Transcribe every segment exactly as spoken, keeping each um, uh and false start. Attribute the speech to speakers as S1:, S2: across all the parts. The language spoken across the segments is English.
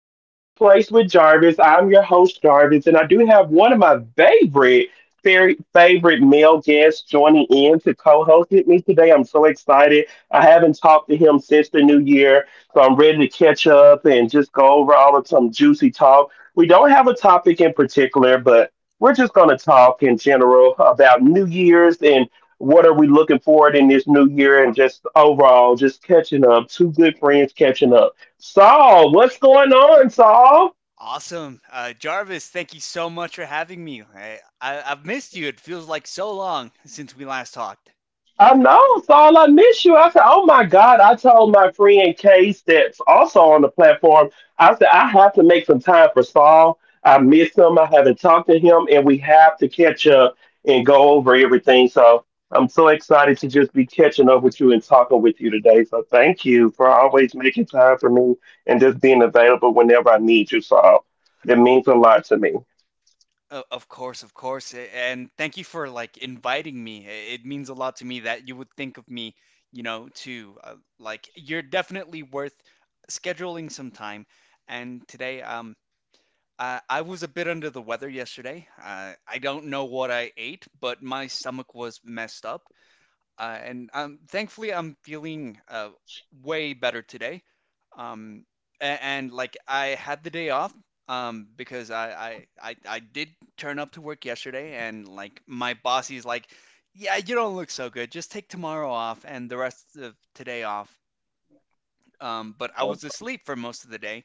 S1: to A Safe Place with Jarvis. I'm your host, Jarvis, and I do have one of my favorite, very favorite male guests joining in to co host with me today. I'm so excited. I haven't talked to him since the new year, so I'm ready to catch up and just go over all of some juicy talk. We don't have a topic in particular, but we're just going to talk in general about New Year's and what are we looking forward in this new year and just overall just catching up two good friends catching up. Saul, what's going on, Saul?
S2: Awesome. Uh, Jarvis, thank you so much for having me. I, I, I've missed you. It feels like so long since we last talked.
S1: I know, Saul, I miss you. I said, oh my God. I told my friend Case that's also on the platform, I said, I have to make some time for Saul. I miss him. I haven't talked to him, and we have to catch up and go over everything. So I'm so excited to just be catching up with you and talking with you today. So thank you for always making time for me and just being available whenever I need you, Saul. That means a lot to me.
S2: O- Of course, of course. a- And thank you for like inviting me. I- It means a lot to me that you would think of me, you know, too. Uh, like you're definitely worth scheduling some time. And today, um, I, I was a bit under the weather yesterday. Uh, I don't know what I ate, but my stomach was messed up. Uh, and um, Thankfully, I'm feeling uh, way better today. Um, and, and like I had the day off um, because I, I I I did turn up to work yesterday, and like my boss is like, "Yeah, you don't look so good. Just take tomorrow off and the rest of today off." Um, but I was asleep for most of the day.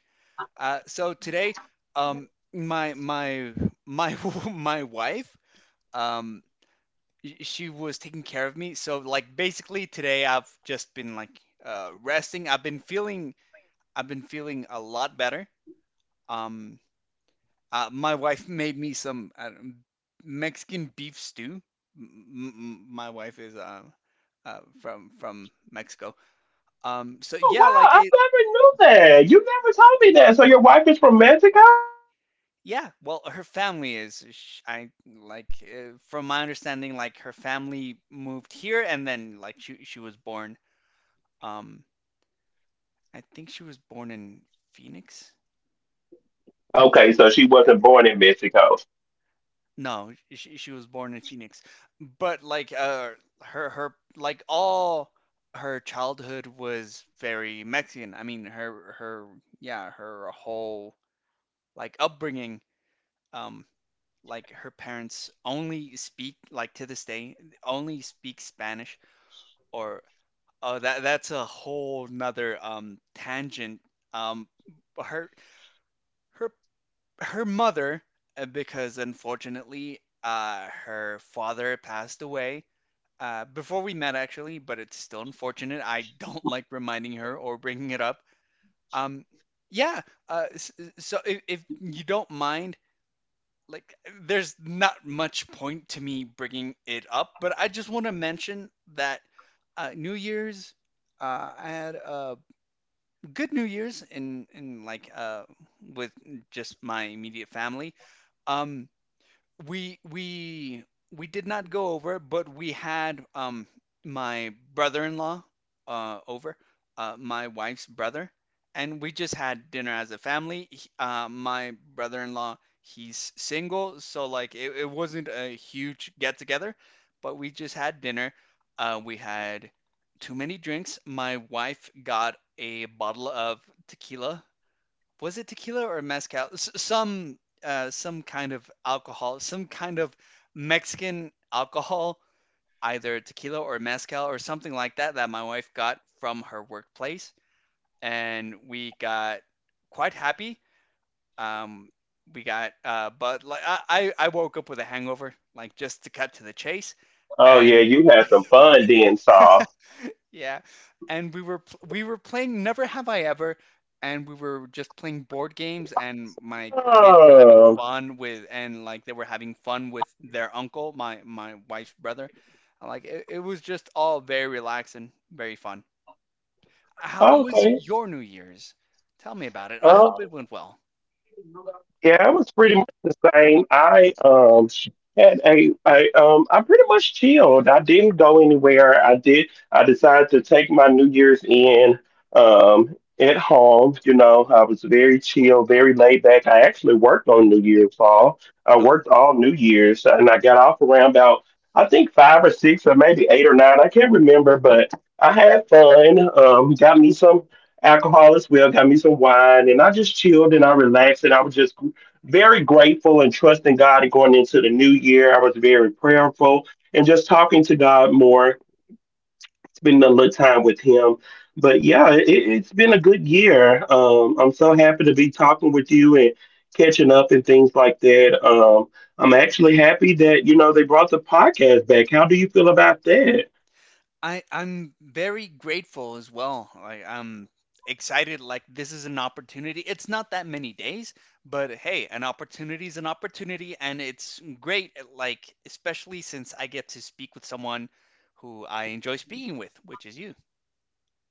S2: Uh, so today, um, my my my my wife um, she was taking care of me. So like basically today I've just been like uh, resting. I've been feeling I've been feeling a lot better. Um, uh, my wife made me some I Mexican beef stew. M- m- my wife is uh, uh, from from Mexico. Um, so
S1: Oh
S2: yeah,
S1: wow,
S2: like
S1: I
S2: it.
S1: never knew that. You never told me that. So your wife is from Mexico?
S2: Yeah, well, her family is. Sh I Like, uh, from my understanding, like her family moved here, and then like she she was born. Um, I think she was born in Phoenix.
S1: Okay, so she
S2: Yeah.
S1: wasn't born in Mexico.
S2: No, she she was born in Phoenix, but like uh her her like all her childhood was very Mexican. I mean her her yeah her whole like upbringing, um like her parents only speak, like to this day, only speak Spanish. Or oh, that that's a whole nother um tangent. um her her Her mother, uh, because unfortunately, uh, her father passed away uh, before we met, actually, but it's still unfortunate. I don't like reminding her or bringing it up. Um, yeah, uh, s- so if, if you don't mind, like, there's not much point to me bringing it up, but I just want to mention that, uh, New Year's. Uh, I had a good New Year's in in like uh with just my immediate family. Um, we we we did not go over, but we had, um my brother-in-law, uh over, uh my wife's brother, and we just had dinner as a family. He- Uh, my brother-in-law, he's single, so like it, it wasn't a huge get-together, but we just had dinner. Uh, we had too many drinks. My wife got a bottle of tequila. Was it tequila or mezcal? S- some uh, some kind of alcohol, some kind of Mexican alcohol, either tequila or mezcal or something like that, that my wife got from her workplace, and we got quite happy. Um, we got uh, But like I I I woke up with a hangover, like just to cut to the chase,
S1: Oh yeah,
S2: and.
S1: you had some fun then, Saul.
S2: Yeah. And we were pl- we were playing Never Have I Ever, and we were just playing board games, and my kids were having
S1: Oh,
S2: fun with, and like they were having fun with their uncle, my my wife's brother. Like it, it was just all very relaxing, very fun. How was
S1: okay.
S2: your New Year's? Tell me about it. I hope it went well.
S1: Yeah, it was pretty much the same. I um had a I um I pretty much chilled. I didn't go anywhere. I did I decided to take my New Year's in um at home. You know, I was very chill, very laid back. I actually worked on New Year's all. I worked all New Year's and I got off around about I think five or six or maybe eight or nine. I can't remember, but I had fun. Um got me some alcohol as well, got me some wine, and I just chilled and I relaxed and I was just very grateful and trusting God and going into the new year. I was very prayerful and just talking to God more, spending a little time with him. But yeah, it, it's been a good year. Um, I'm so happy to be talking with you and catching up and things like that. Um, I'm actually happy that you know they brought the podcast back. How do you feel about that?
S2: I I'm very grateful as well. Like I'm excited, like this is an opportunity. It's not that many days, but hey, an opportunity is an opportunity, and it's great, like especially since I get to speak with someone who I enjoy speaking with, which is you.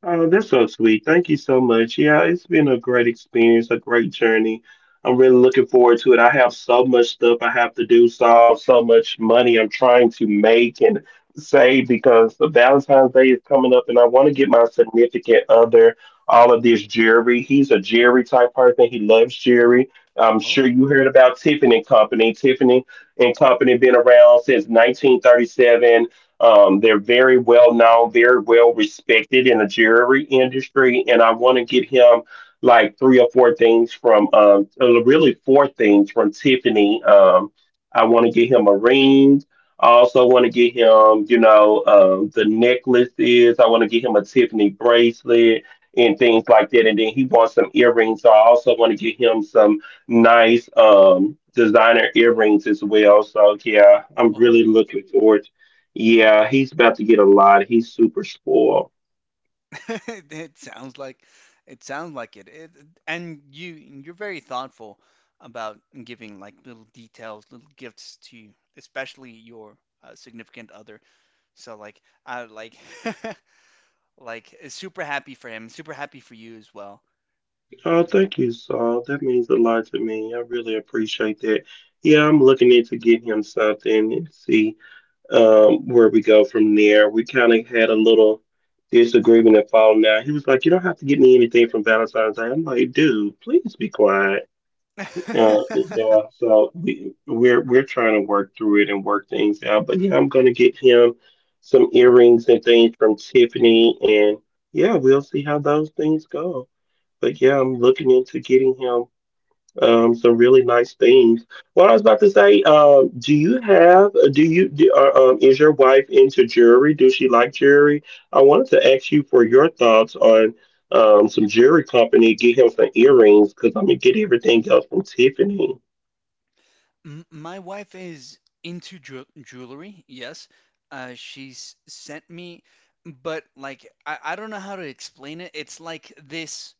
S1: Oh, that's so sweet. Thank you so much. Yeah, it's been a great experience, a great journey. I'm really looking forward to it. I have so much stuff I have to do, so so much money I'm trying to make and save because the Valentine's Day is coming up and I want to get my significant other all of this jewelry. He's a jewelry type person. He loves jewelry. I'm
S2: Oh,
S1: sure you heard about Tiffany and Company. Tiffany and Company been around since nineteen thirty-seven. Um, they're very well known, very well respected in the jewelry industry, and I want to get him like three or four things from, um, uh, really four things from Tiffany. Um, I want to get him a ring. I also want to get him, you know, um, the necklaces. I want to get him a Tiffany bracelet and things like that. And then he wants some earrings. So I also want to get him some nice um, designer earrings as well. So yeah, I'm
S2: oh,
S1: really looking forward. Yeah, he's about to get a lot. He's super spoiled.
S2: it sounds like it sounds like it. It and you You're very thoughtful about giving like little details, little gifts to, especially your, uh, significant other. So like I like, like eh, super happy for him, super happy for you as well.
S1: Oh, thank you, Saul. That means a lot to me. I really appreciate that. Yeah, I'm looking into getting him something and see um, where we go from there. We kind of had a little disagreement and falling out. He was like, "You don't have to get me anything from Valentine's Day." I'm like, "Dude, please be quiet." Yeah, yeah. So we we're we're trying to work through it and work things out. But yeah, I'm gonna get him some earrings and things from Tiffany, and yeah, we'll see how those things go. But yeah, I'm looking into getting him um some really nice things. What I was about to say, um, do you have do you do, uh, um is your wife into jewelry? Does she like jewelry? I wanted to ask you for your thoughts on um some jewelry company, get him some earrings because I'm gonna get everything else from Tiffany.
S2: M- My wife is into jewel jewelry, yes. Uh, she's sent me, but like I, I don't know how to explain it. It's like this.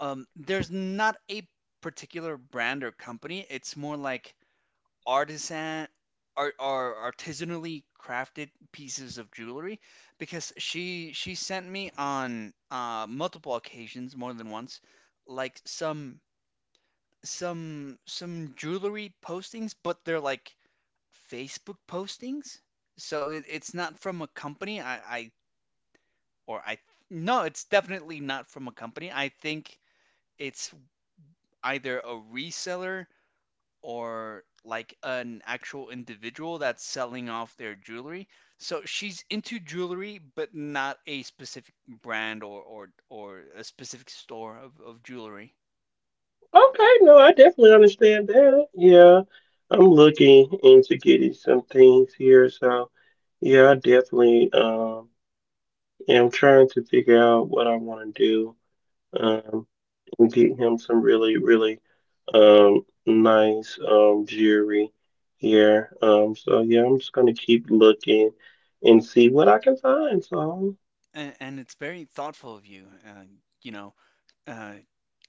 S2: Um, there's not a particular brand or company. It's more like artisan art, are artisanally crafted pieces of jewelry because she she sent me on uh, multiple occasions, more than once, like some some some jewelry postings, but they're like Facebook postings. So it, it's not from a company. I, I or I No, it's definitely not from a company. I think it's either a reseller or like an actual individual that's selling off their jewelry. So she's into jewelry, but not a specific brand or or, or a specific store of, of jewelry.
S1: Okay, no, I definitely understand that. Yeah, I'm looking into getting some things here, so yeah, I definitely um am trying to figure out what I want to do um and get him some really really um nice um jewelry here. Um, so yeah, I'm just gonna keep looking and see what I can find. So.
S2: And, and it's very thoughtful of you, uh, you know, uh,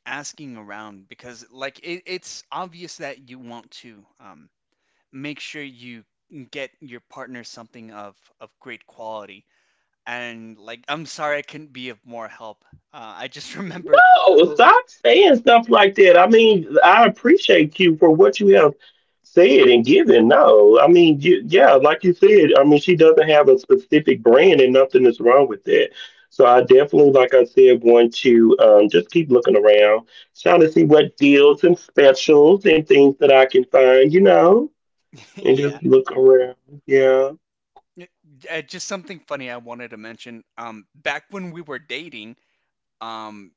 S2: asking around because like it, it's obvious that you want to, um, make sure you get your partner something of of great quality. And like, I'm sorry I couldn't be of more help. Uh, I just remember,
S1: No, stop saying stuff like that. I mean, I appreciate you for what you have said and given. No, I mean, you, yeah, like you said, I mean, she doesn't have a specific brand and nothing is wrong with that. So I definitely, like I said, want to um, just keep looking around, trying to see what deals and specials and things that I can find, you know, and
S2: yeah.
S1: just look around. Yeah.
S2: Y- Uh, just something funny I wanted to mention. Um, back when we were dating, um,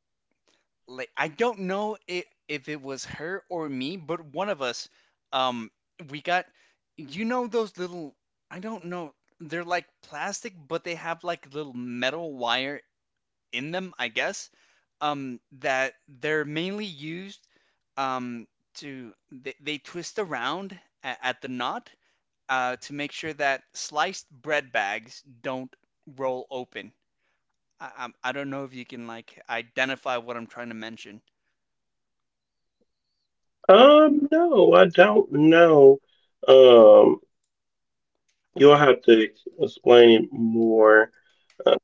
S2: like I don't know if if it was her or me, but one of us, um, we got, you know, those little, I don't know, they're like plastic, but they have like little metal wire in them, I guess. Um, that they're mainly used, um, to they, they twist around at, at the knot, uh, to make sure that sliced bread bags don't roll open. I, I'm, I don't know if you can like identify what I'm trying to mention.
S1: Um, no, I don't know. Um, you'll
S2: Uh,
S1: have to ex- explain it more. Uh,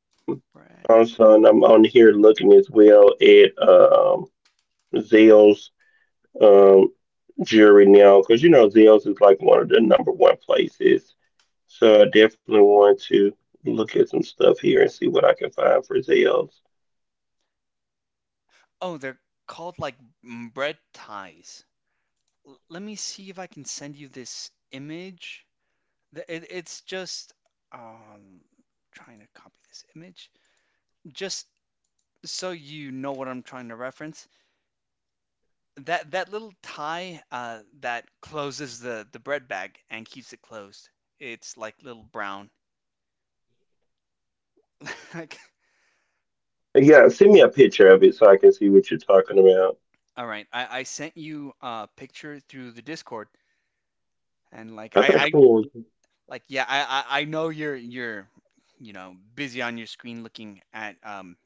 S2: Bread.
S1: Also, and I'm on here looking as well at um, Zell's um, jury now, because you know Zell's is like one of the number one places. So I definitely want to look at some stuff here and see what I can find for Zell's.
S2: Oh, they're called like m- bread ties. L- let me see if I can send you this image. The- It, it's just um, trying to copy this image just so you know what I'm trying to reference. That that little tie uh, that closes the the bread bag and keeps it closed. It's like little brown. Like,
S1: Yeah, send me a picture of it so I can see what you're talking about.
S2: all right, I, I sent you a picture through the Discord, and like I,
S1: Okay,
S2: I
S1: cool.
S2: like yeah, I, I I know you're you're you know busy on your screen looking at, um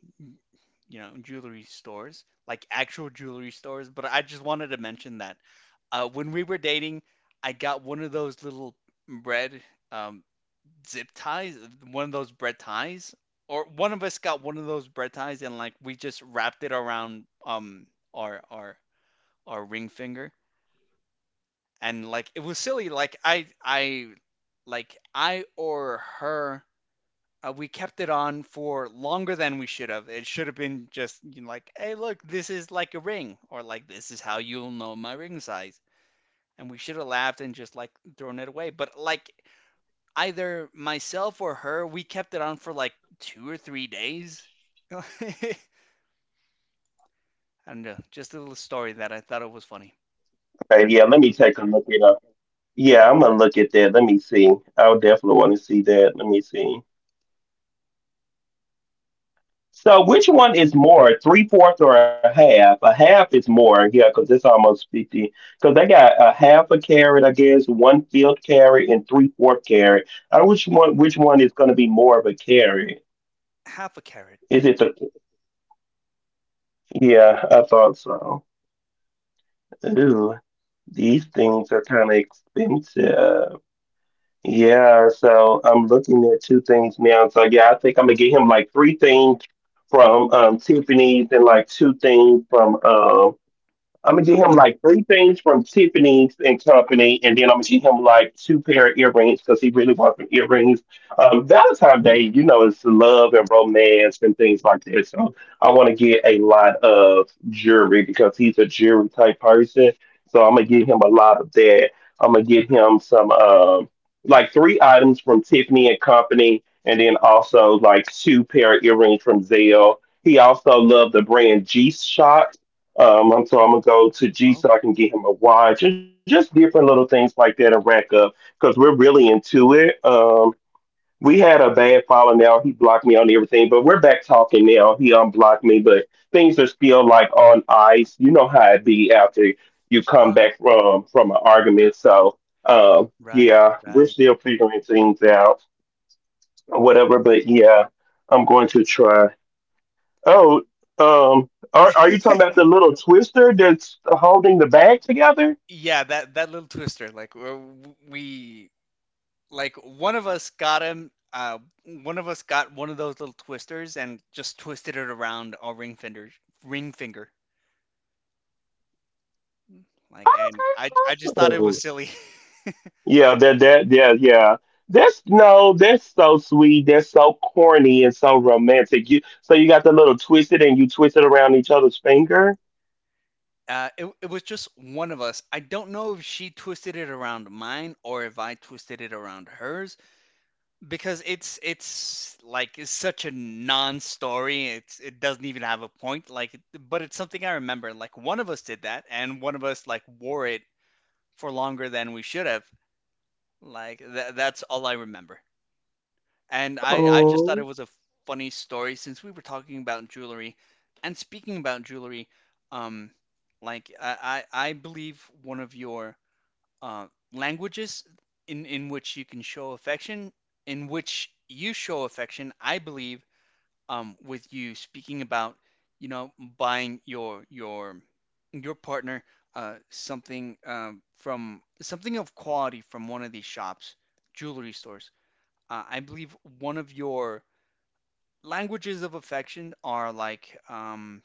S2: you know jewelry stores, like actual jewelry stores, but I just wanted to mention that, uh, when we were dating, I got one of those little bread, um, zip ties, one of those bread ties, or one of us got one of those bread ties, and like we just wrapped it around, um our our our ring finger, and like it was silly like I I like I or her, uh, we kept it on for longer than we should have. It should have been just, you know, like, hey, look, this is like a ring, or like this is how you'll know my ring size. And we should have laughed and just like thrown it away. But like either myself or her, we kept it on for like two or three days. I don't know. Just a little
S1: Okay,
S2: story
S1: yeah,
S2: that I
S1: let me
S2: thought it was
S1: take a
S2: funny.
S1: look at it up. Yeah, I'm gonna look at that. Let me see. I'll definitely want to see that. Let me see. So which one is more, three fourths or a half? A half is more, yeah, because it's almost fifty. Because they got a half a carrot, I guess, one fifth carrot, and three fourth carrot. I which one? Which one is going to be more of a carrot?
S2: Half a
S1: Is it
S2: carrot.
S1: the? Yeah, I thought so. Ooh, these things are kind of expensive. Yeah, so I'm looking at two things now. So yeah, I think I'm gonna get him like three things from um Tiffany's and like two things from um. I'm gonna get him like three things from Tiffany's and Company, and then I'm gonna get him like two pair of earrings because he really wants some earrings. Um, Valentine's Day, you know, is love and romance and things like that. So I want to get a lot of jewelry because he's a jewelry type person. So I'm gonna get him a lot of that. I'm gonna get him some um, like three items from Tiffany and Company, and then also like two pair of earrings from Zelle. He also loved the brand G Shock, um, I'm, so I'm gonna go to G
S2: Oh,
S1: so I can get him a watch and just different little things like that and rack up because we're really into it. Um, we had a bad falling now. He blocked me on everything, but we're back talking now. He unblocked me, but things are still like on ice. You know how it be after you come
S2: no.
S1: back from from an argument. So um,
S2: Right,
S1: yeah, we're
S2: right.
S1: still figuring things out, whatever. But yeah, I'm going to try. Oh, um, are are you talking about the little twister that's holding the bag together?
S2: Yeah, that that little twister. Like w- we, like one of us got him. Uh, one of us got one of those little twisters and just twisted it around our ring finger, ring finger. Like, and I I just thought it was
S1: Oh,
S2: silly.
S1: yeah, that that yeah yeah. That's no, that's so sweet. That's so corny and so romantic. You so you got the little twisted and you twist it around each other's finger.
S2: Uh, it, it was just one of us. I don't know if she twisted it around mine or if I twisted it around hers, because it's it's like it's such a non-story. It's it doesn't even have a point. Like, but it's something I remember. Like one of us did that, and one of us like wore it for longer than we should have. Like th that's all I remember. And I, I just
S1: Oh,
S2: thought it was a funny story since we were talking about jewelry. And speaking about jewelry, um, like I, I, I believe one of your uh, languages in, in which you can show affection, in which you show affection, I believe, um, with you speaking about, you know, buying your your your partner, uh, something, um, from something of quality from one of these shops, jewelry stores. Uh, I believe one of your languages of affection are like, um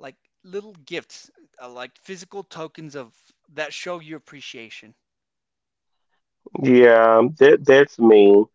S2: like little gifts, uh, like physical tokens of that show your appreciation.
S1: yeah, that that's me.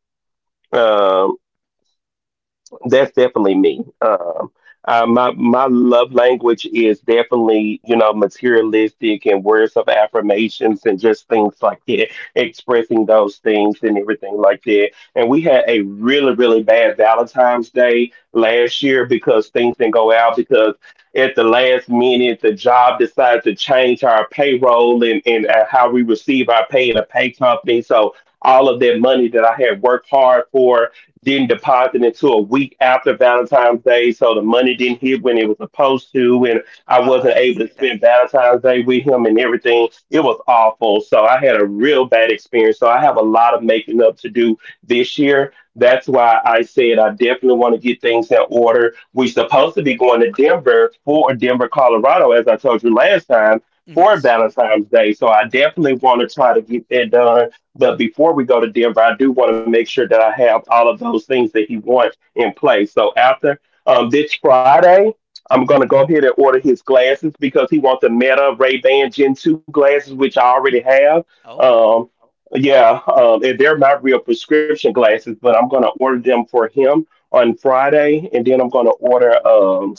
S1: That's definitely me. Um, uh, my my love language is definitely you know materialistic and words of affirmations and just things like that, expressing those things and everything like that. And we had a really really bad Valentine's Day last year because things didn't go out because at the last minute the job decided to change our payroll and and uh, how we receive our pay in a pay company. So all of that money that I had worked hard for didn't deposit until a week after Valentine's Day, so the money didn't hit when it was supposed to, and I
S2: I
S1: wasn't able
S2: hate
S1: to
S2: that.
S1: spend Valentine's Day with him and everything. It was awful. So I had a real bad experience. So I have a lot of making up to do this year. That's why I said I definitely want to get things in order. We're supposed to be going to Denver for Denver, Colorado, as I told you last time, for
S2: Yes.
S1: Valentine's Day. So I definitely want to try to get that done, but before we go to Denver, I do want to make sure that I have all of those things that he wants in place. So after um, this Friday, I'm going to go ahead and order his glasses because he wants the Meta Ray-Ban Gen two glasses, which I already have.
S2: Oh.
S1: Um, yeah, um, and they're not real prescription glasses, but I'm going to order them for him on Friday. And then I'm going to order um,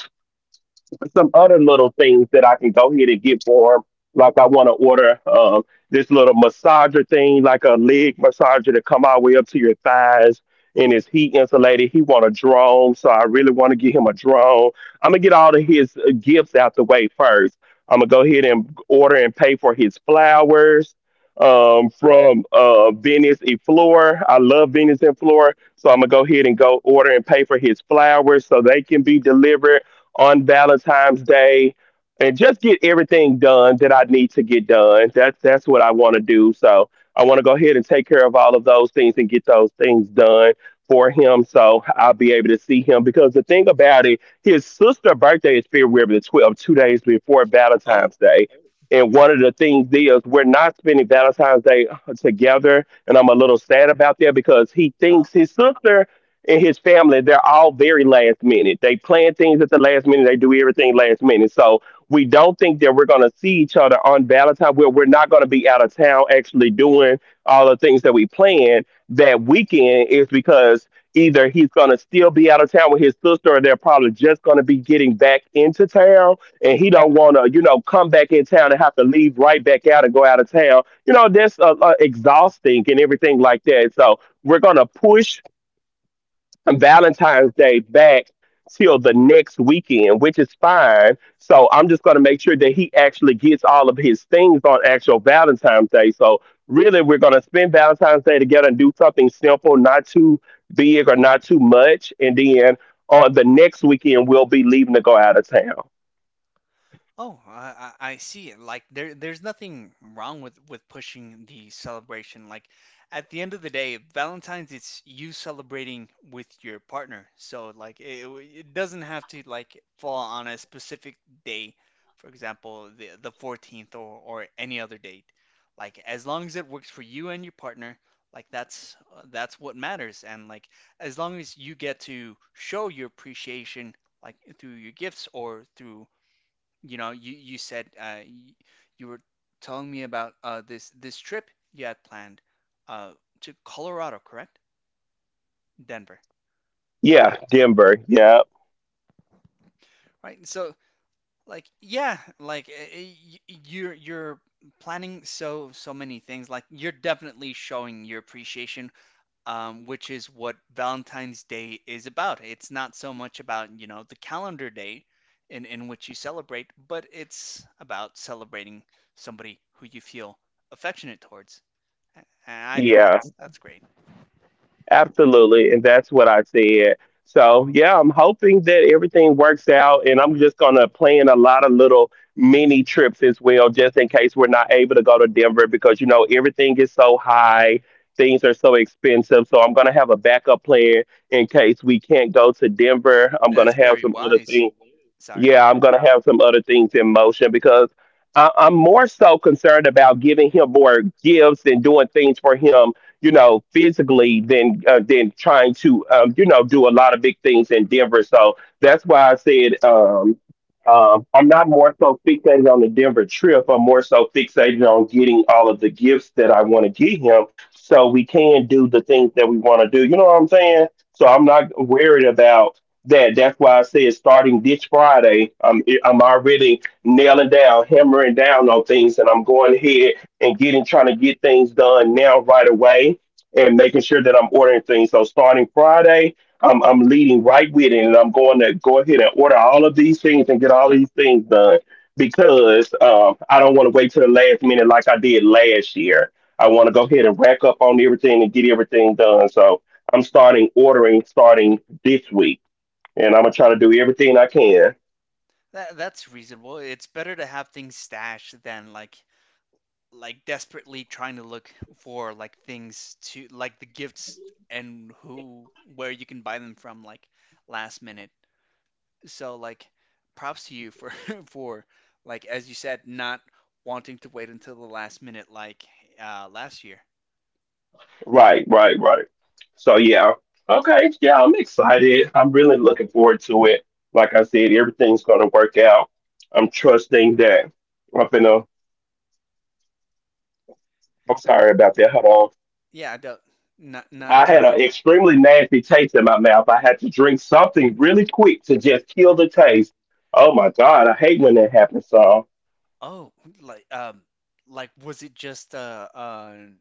S1: some other little things that I can go ahead and get for him. Like I want to order um, this little massager thing, like a leg massager to come all the way up to your thighs, and it's heat insulated. He want a drone, so I really want to get him a drone. I'm gonna get all of his uh, gifts out the way first. I'm gonna go ahead and order and pay for his flowers um, from uh, Venice and Flora. I love Venice and Flora, so I'm gonna go ahead and go order and pay for his flowers so they can be delivered on Valentine's Day and just get everything done that I need to get done. That's that's what I want to do. So I want to go ahead and take care of all of those things and get those things done for him so I'll be able to see him because the thing about it, his sister's birthday is February the twelfth, two days before
S2: Oh.
S1: Valentine's Day. And one of the things is we're not spending Valentine's Day together. And I'm a little sad about that because he thinks his sister and his family, they're all very last minute. They plan things at the last minute. They do everything last minute. So we don't think that we're going to see each other on Valentine's, where we're not going to be out of town actually doing all the things that we planned that weekend is because either he's going to still be out of town with his sister or they're probably just going to be getting back into town and he don't want to you know come back in town and have to leave right back out and go out of town you know that's uh, uh, exhausting and everything like that, so we're going to push Valentine's Day back till the next weekend, which is fine. So I'm just going to make sure that he actually gets all of his things on actual Valentine's Day. So really, we're going to spend Valentine's Day together and do something simple, not too big or not too much. And then on the next weekend, we'll be leaving to go out of town.
S2: Oh, I, I I see. Like there there's nothing wrong with with pushing the celebration. Like at the end of the day, Valentine's, it's you celebrating with your partner. So like it, it doesn't have to like fall on a specific day, for example, the the fourteenth or or any other date. Like as long as it works for you and your partner, like that's that's what matters. And like as long as you get to show your appreciation, like through your gifts or through, you know, you you said, uh, y- you were telling me about, uh, this this trip you had planned, uh, to Colorado, correct? Denver,
S1: Yeah, Denver. Yeah,
S2: right? So like yeah, like eh, eh, y- y- you're you're planning so so many things. Like you're definitely showing your appreciation, um, which is what Valentine's Day is about. It's not so much about, you know, the calendar day in in which you celebrate, but it's about celebrating somebody who you feel affectionate towards. A- And I think
S1: yeah.
S2: that's that's great.
S1: Absolutely, and that's what I said. So yeah, I'm hoping that everything works out, and I'm just gonna plan a lot of little mini trips as well, just in case we're not able to go to Denver because you know everything is so high, things are so expensive. So I'm gonna have a backup plan in case we can't go to Denver. I'm gonna
S2: That's
S1: have
S2: very
S1: some other
S2: wise.
S1: things,
S2: Sorry.
S1: yeah, I'm going to have some other things in motion because I, I'm more so concerned about giving him more gifts and doing things for him, you know, physically than uh, than trying to, um, you know, do a lot of big things in Denver. So that's why I said um, um, I'm not more so fixated on the Denver trip. I'm more so fixated on getting all of the gifts that I want to give him, so we can do the things that we want to do. You know what I'm saying? So I'm not worried about that. That's why I said starting this Friday, I'm I'm already nailing down, hammering down on things, and I'm going ahead and getting trying to get things done now right away, and making sure that I'm ordering things. So starting Friday, I'm I'm leading right with it, and I'm going to go ahead and order all of these things and get all these things done because um, I don't want to wait till the last minute like I did last year. I want to go ahead and rack up on everything and get everything done. So I'm starting ordering starting this week and I'm gonna try to do everything I can.
S2: That that's reasonable. It's better to have things stashed than like like desperately trying to look for like things to like the gifts and who where you can buy them from like last minute. So like props to you for for like, as you said, not wanting to wait until the last minute like uh last year.
S1: Right, right, right. So yeah, okay, yeah, I'm excited. I'm really looking forward to it. Like I said, everything's gonna work out. I'm trusting that. I'm finna. I'm
S2: Y-
S1: sorry about that. Hold on.
S2: Yeah, I don't, not
S1: I
S2: not to
S1: had an
S2: worry.
S1: extremely nasty taste in my mouth. I had to drink something really quick to just kill the taste. Oh my God, I hate when that happens. So
S2: Oh, like um, like was it just uh, an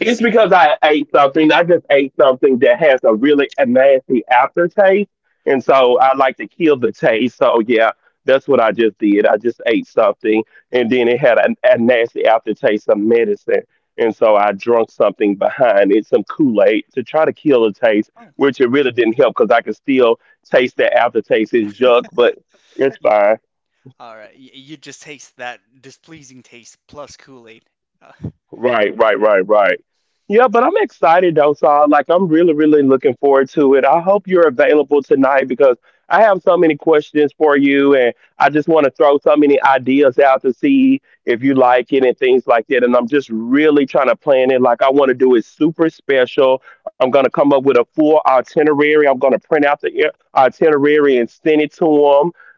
S1: it's because I ate something. I just ate something that has a really nasty aftertaste. And
S2: Oh,
S1: so I like to kill the taste. So yeah, that's what I just did. I just ate something and then it had a, a nasty aftertaste of medicine. And so I drunk something behind it, some Kool-Aid to try to kill the taste,
S2: oh,
S1: which it really didn't help because I could still taste the aftertaste. It's junk, but it's
S2: y-
S1: fine.
S2: all right. Y you just taste that displeasing taste plus Kool-Aid. Uh,
S1: Right, right, right, right. Yeah, but I'm excited though, Saul. Like I'm really, really looking forward to it. I hope you're available tonight because I have so many questions for you and I just want to throw so many ideas out to see if you like it and things like that. And I'm just really trying to plan it. Like I want to do it super special. I'm gonna come up with a full itinerary. I'm gonna print out the i- itinerary and send it to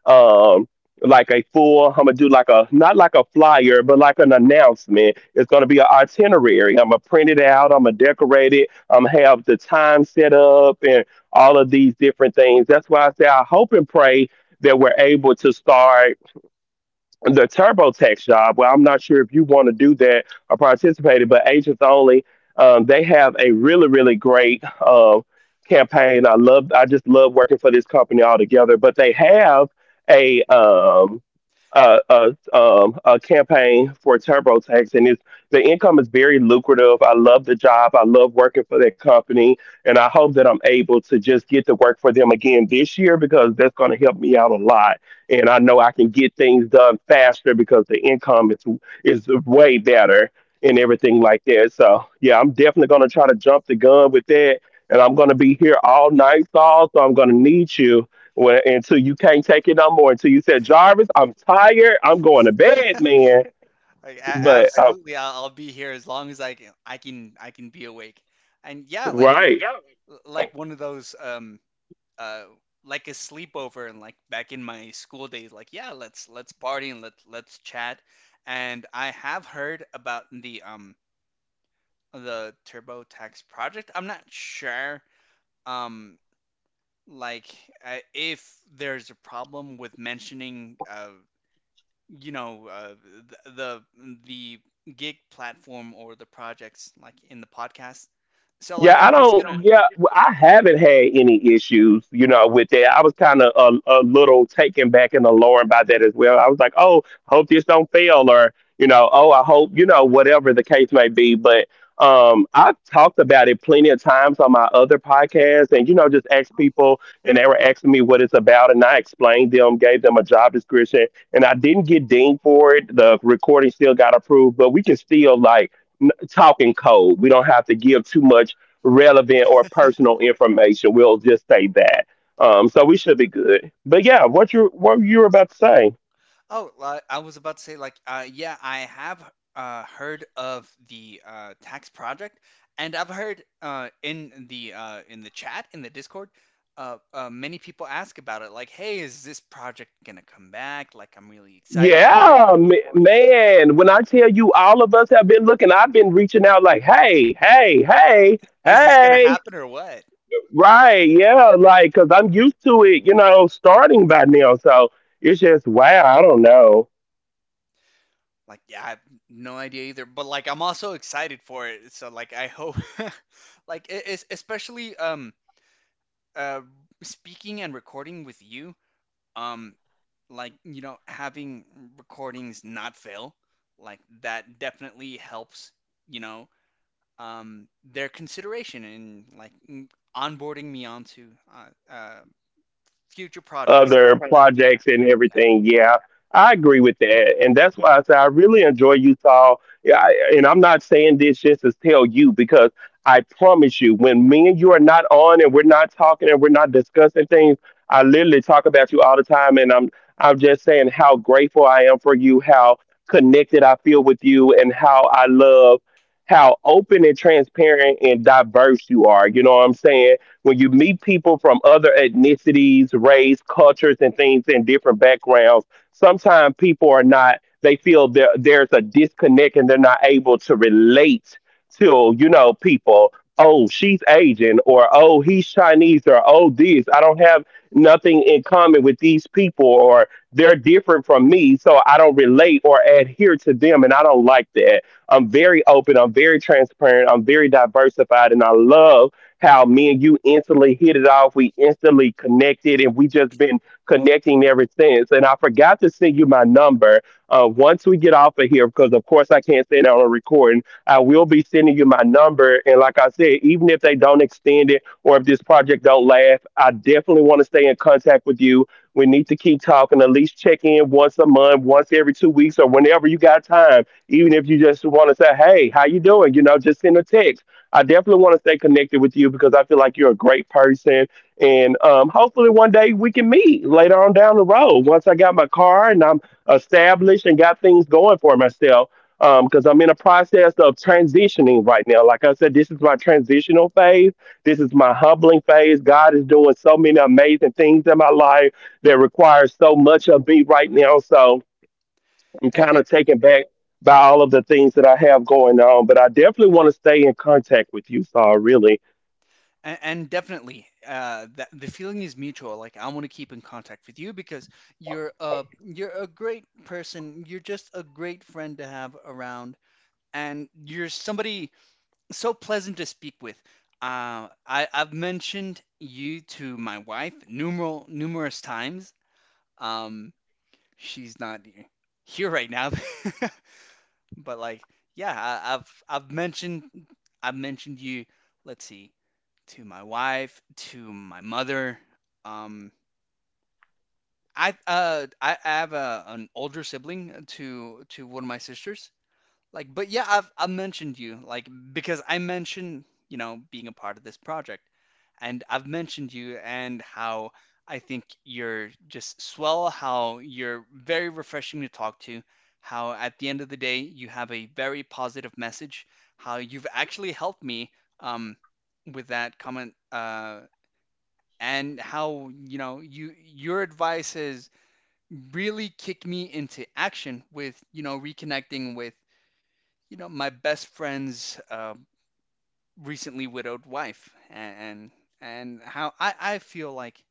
S1: them. Um like a full, I'm gonna do like a not like a flyer, but like an announcement, it's going to be an itinerary. I'm going to print it out. I'm going to decorate it. I'm going to have the time set up and all of these different things. That's why I say I hope and pray that we're able to start the TurboTax job. Well, I'm not sure if you want to do that or participate in, but agents only. Um, they have a really, really great um, campaign. I love. I just love working for this company altogether. But they have a um, a, a, um, a campaign for TurboTax, and it's the income is very lucrative. I love the job. I love working for that company, and I hope that I'm able to just get to work for them again this year because that's going to help me out a lot and I know I can get things done faster because the income is is way better and everything like that. So yeah, I'm definitely gonna try to jump the gun with that, and I'm gonna be here all night, Saul. So I'm gonna need you when, until you can't take it no more. Until you said, Jarvis, I'm tired. I'm going to bed, man.
S2: I, a-
S1: But uh,
S2: absolutely, I'll, I'll be here as long as I can. I can I can be awake. And yeah, like
S1: right.
S2: like one of those um uh like a sleepover and like back in my school days. Like yeah, let's let's party and let let's let's chat. And I have heard about the um. the TurboTax project. I'm not sure. Um, like uh, if there's a problem with mentioning, uh, you know, uh, th- the the gig platform or the projects like in the podcast. So
S1: Yeah,
S2: like I'm
S1: I
S2: just gonna.
S1: don't. Yeah, well, I haven't had any issues, you know, with that. I was kind of a, a little taken back and alarmed by that as well. I was like, oh, hope this don't fail, or you know, oh, I hope you know whatever the case may be. But um, I've talked about it plenty of times on my other podcasts, and you know, just asked
S2: Oh,
S1: people, and they were asking me what it's about, and I explained them, gave them a job description, and I didn't get dinged for it. The recording still got approved, but we can still like talking code. We don't have to give too much relevant or personal information. We'll just say that. Um, so we should be good. But yeah, what you what you were about to say?
S2: Oh, li- I was about to say like uh yeah, I have uh heard of the uh tax project, and I've heard uh in the uh in the chat in the Discord, uh, uh many people ask about it like, hey, is this project gonna come back? Like I'm really excited for it.
S1: Yeah, m- man. When I tell you, all of us have been looking. I've been reaching out like, hey, hey, hey,
S2: Is this gonna
S1: hey.
S2: happen or what?
S1: Right? Yeah, like because I'm used to it. You know, starting by now. So it's just wow. I don't know.
S2: Like yeah, I have no idea either, but like I'm also excited for it. So like I hope like it is, especially um uh speaking and recording with you. Um like you know having recordings not fail, like that definitely helps, you know, um, their consideration in like m- onboarding me onto uh, uh, future projects that
S1: Other Right.
S2: that
S1: projects and
S2: yeah.
S1: everything. Yeah, I agree with that, and that's why I say I really enjoy Utah. Yeah, I, and I'm not saying this just to tell you because I promise you, when me and you are not on and we're not talking and we're not discussing things, I literally talk about you all the time, and I'm I'm just saying how grateful I am for you, how connected I feel with you, and how I love how open and transparent and diverse you are. You know what I'm saying? When you meet people from other ethnicities, race, cultures, and things in different backgrounds, sometimes people are not, they feel there, there's a disconnect and they're not able to relate to, you know, people. Oh, she's Asian, or oh, he's Chinese, or oh, this. I don't have nothing in common with these people, or they're different from me, so I don't relate or adhere to them, and I don't like that. I'm very open, I'm very transparent, I'm very diversified, and I love how me and you instantly hit it off. We instantly connected, and we just been connecting ever since. And I forgot to send you my number. Uh, once we get off of here, because of course I can't send it on a recording, I will be sending you my number. And like I said, even if they don't extend it or if this project don't last, I definitely want to stay in contact with you. We need to keep talking. At least check in once a month, once every two weeks, or whenever you got time. Even if you just want to say, "Hey, how you doing?" You know, just send a text. I definitely want to stay connected with you because I feel like you're a great person. And um, hopefully, one day we can meet later on down the road once I got my car and I'm established and got things going for myself. Because I'm in a process of transitioning right now. Like I said, this is my transitional phase. This is my humbling phase. God is doing so many amazing things in my life that requires so much of me right now. So, I'm kind
S2: and,
S1: of taken back by all of the things that I have going on, but I definitely want to stay in contact with you, Saul. Really,
S2: and, and definitely uh, that the feeling is mutual. Like I want to keep in contact with you because you're a you're a great person, you're just a great friend to have around, and you're somebody so pleasant to speak with. Uh, I, I've mentioned you to my wife numeral numerous times. Um, she's not here right now, but like, yeah, I, I've I've mentioned I've mentioned you. Let's see, to my wife, to my mother. Um, I uh I, I have a, an older sibling to to one of my sisters. Like, but yeah, I've I mentioned you, like because I mentioned, you know, being a part of this project, and I've mentioned you and how I think you're just swell, how you're very refreshing to talk to, how at the end of the day you have a very positive message, how you've actually helped me um with that comment, uh, and how, you know, you your advice has really kicked me into action with, you know, reconnecting with, you know, my best friend's uh, recently widowed wife, and and how I, I feel like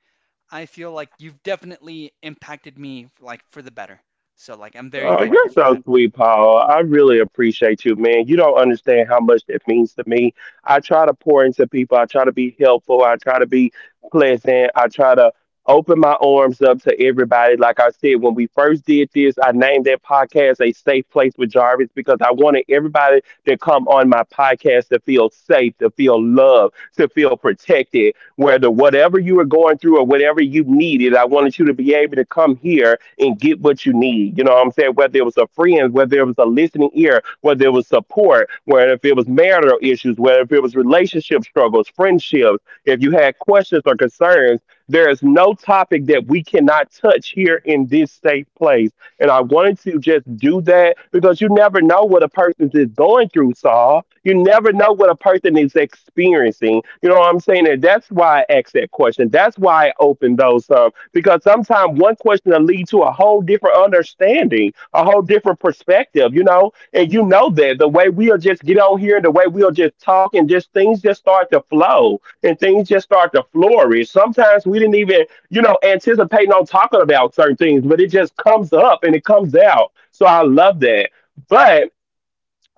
S2: i feel like you've definitely impacted me like for the better, so like I'm very
S1: uh,
S2: thankful
S1: you're
S2: for that.
S1: so sweet, Paul. I really appreciate you, man. You don't understand how much that means to me. I try to pour into people. I try to be helpful. I try to be pleasant. I try to open my arms up to everybody. Like I said, when we first did this, I named that podcast "A Safe Place with Jarvis" because I wanted everybody to come on my podcast to feel safe, to feel loved, to feel protected, whether whatever you were going through or whatever you needed, I wanted you to be able to come here and get what you need. You know what I'm saying? Whether it was a friend, whether it was a listening ear, whether it was support, whether if it was marital issues, whether if it was relationship struggles, friendships, if you had questions or concerns, there is no topic that we cannot touch here in this safe place. And I wanted to just do that because you never know what a person is going through, Saul. You never know what a person is experiencing. You know what I'm saying? And that's why I asked that question. That's why I opened those up because sometimes one question will lead to a whole different understanding, a whole different perspective, you know? And you know that the way we'll just get on here, the way we'll just talk and just things just start to flow and things just start to flourish. Sometimes we didn't even, you know, anticipating on talking about certain things, but it just comes up and it comes out. So I love that. But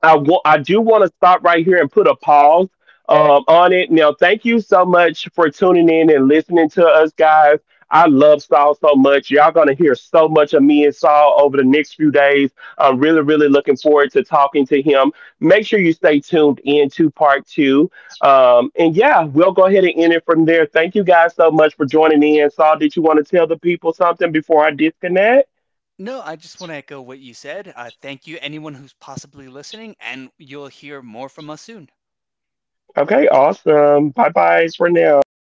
S1: I wa- I do want to stop right here and put a pause um, on it. Now, thank you so much for tuning in and listening to us, guys. I love Saul so much. Y'all gonna hear so much of me and Saul over the next few days. I'm really, really looking forward to talking to him. Make sure you stay tuned in to part two. Um, and yeah, we'll go ahead and end it from there. Thank you guys so much for joining in. Saul, did you want to tell the people something before I disconnect?
S2: No, I just want to echo what you said. Uh, thank you, anyone who's possibly listening, and you'll hear more from us soon.
S1: Okay, awesome. Bye bye for now.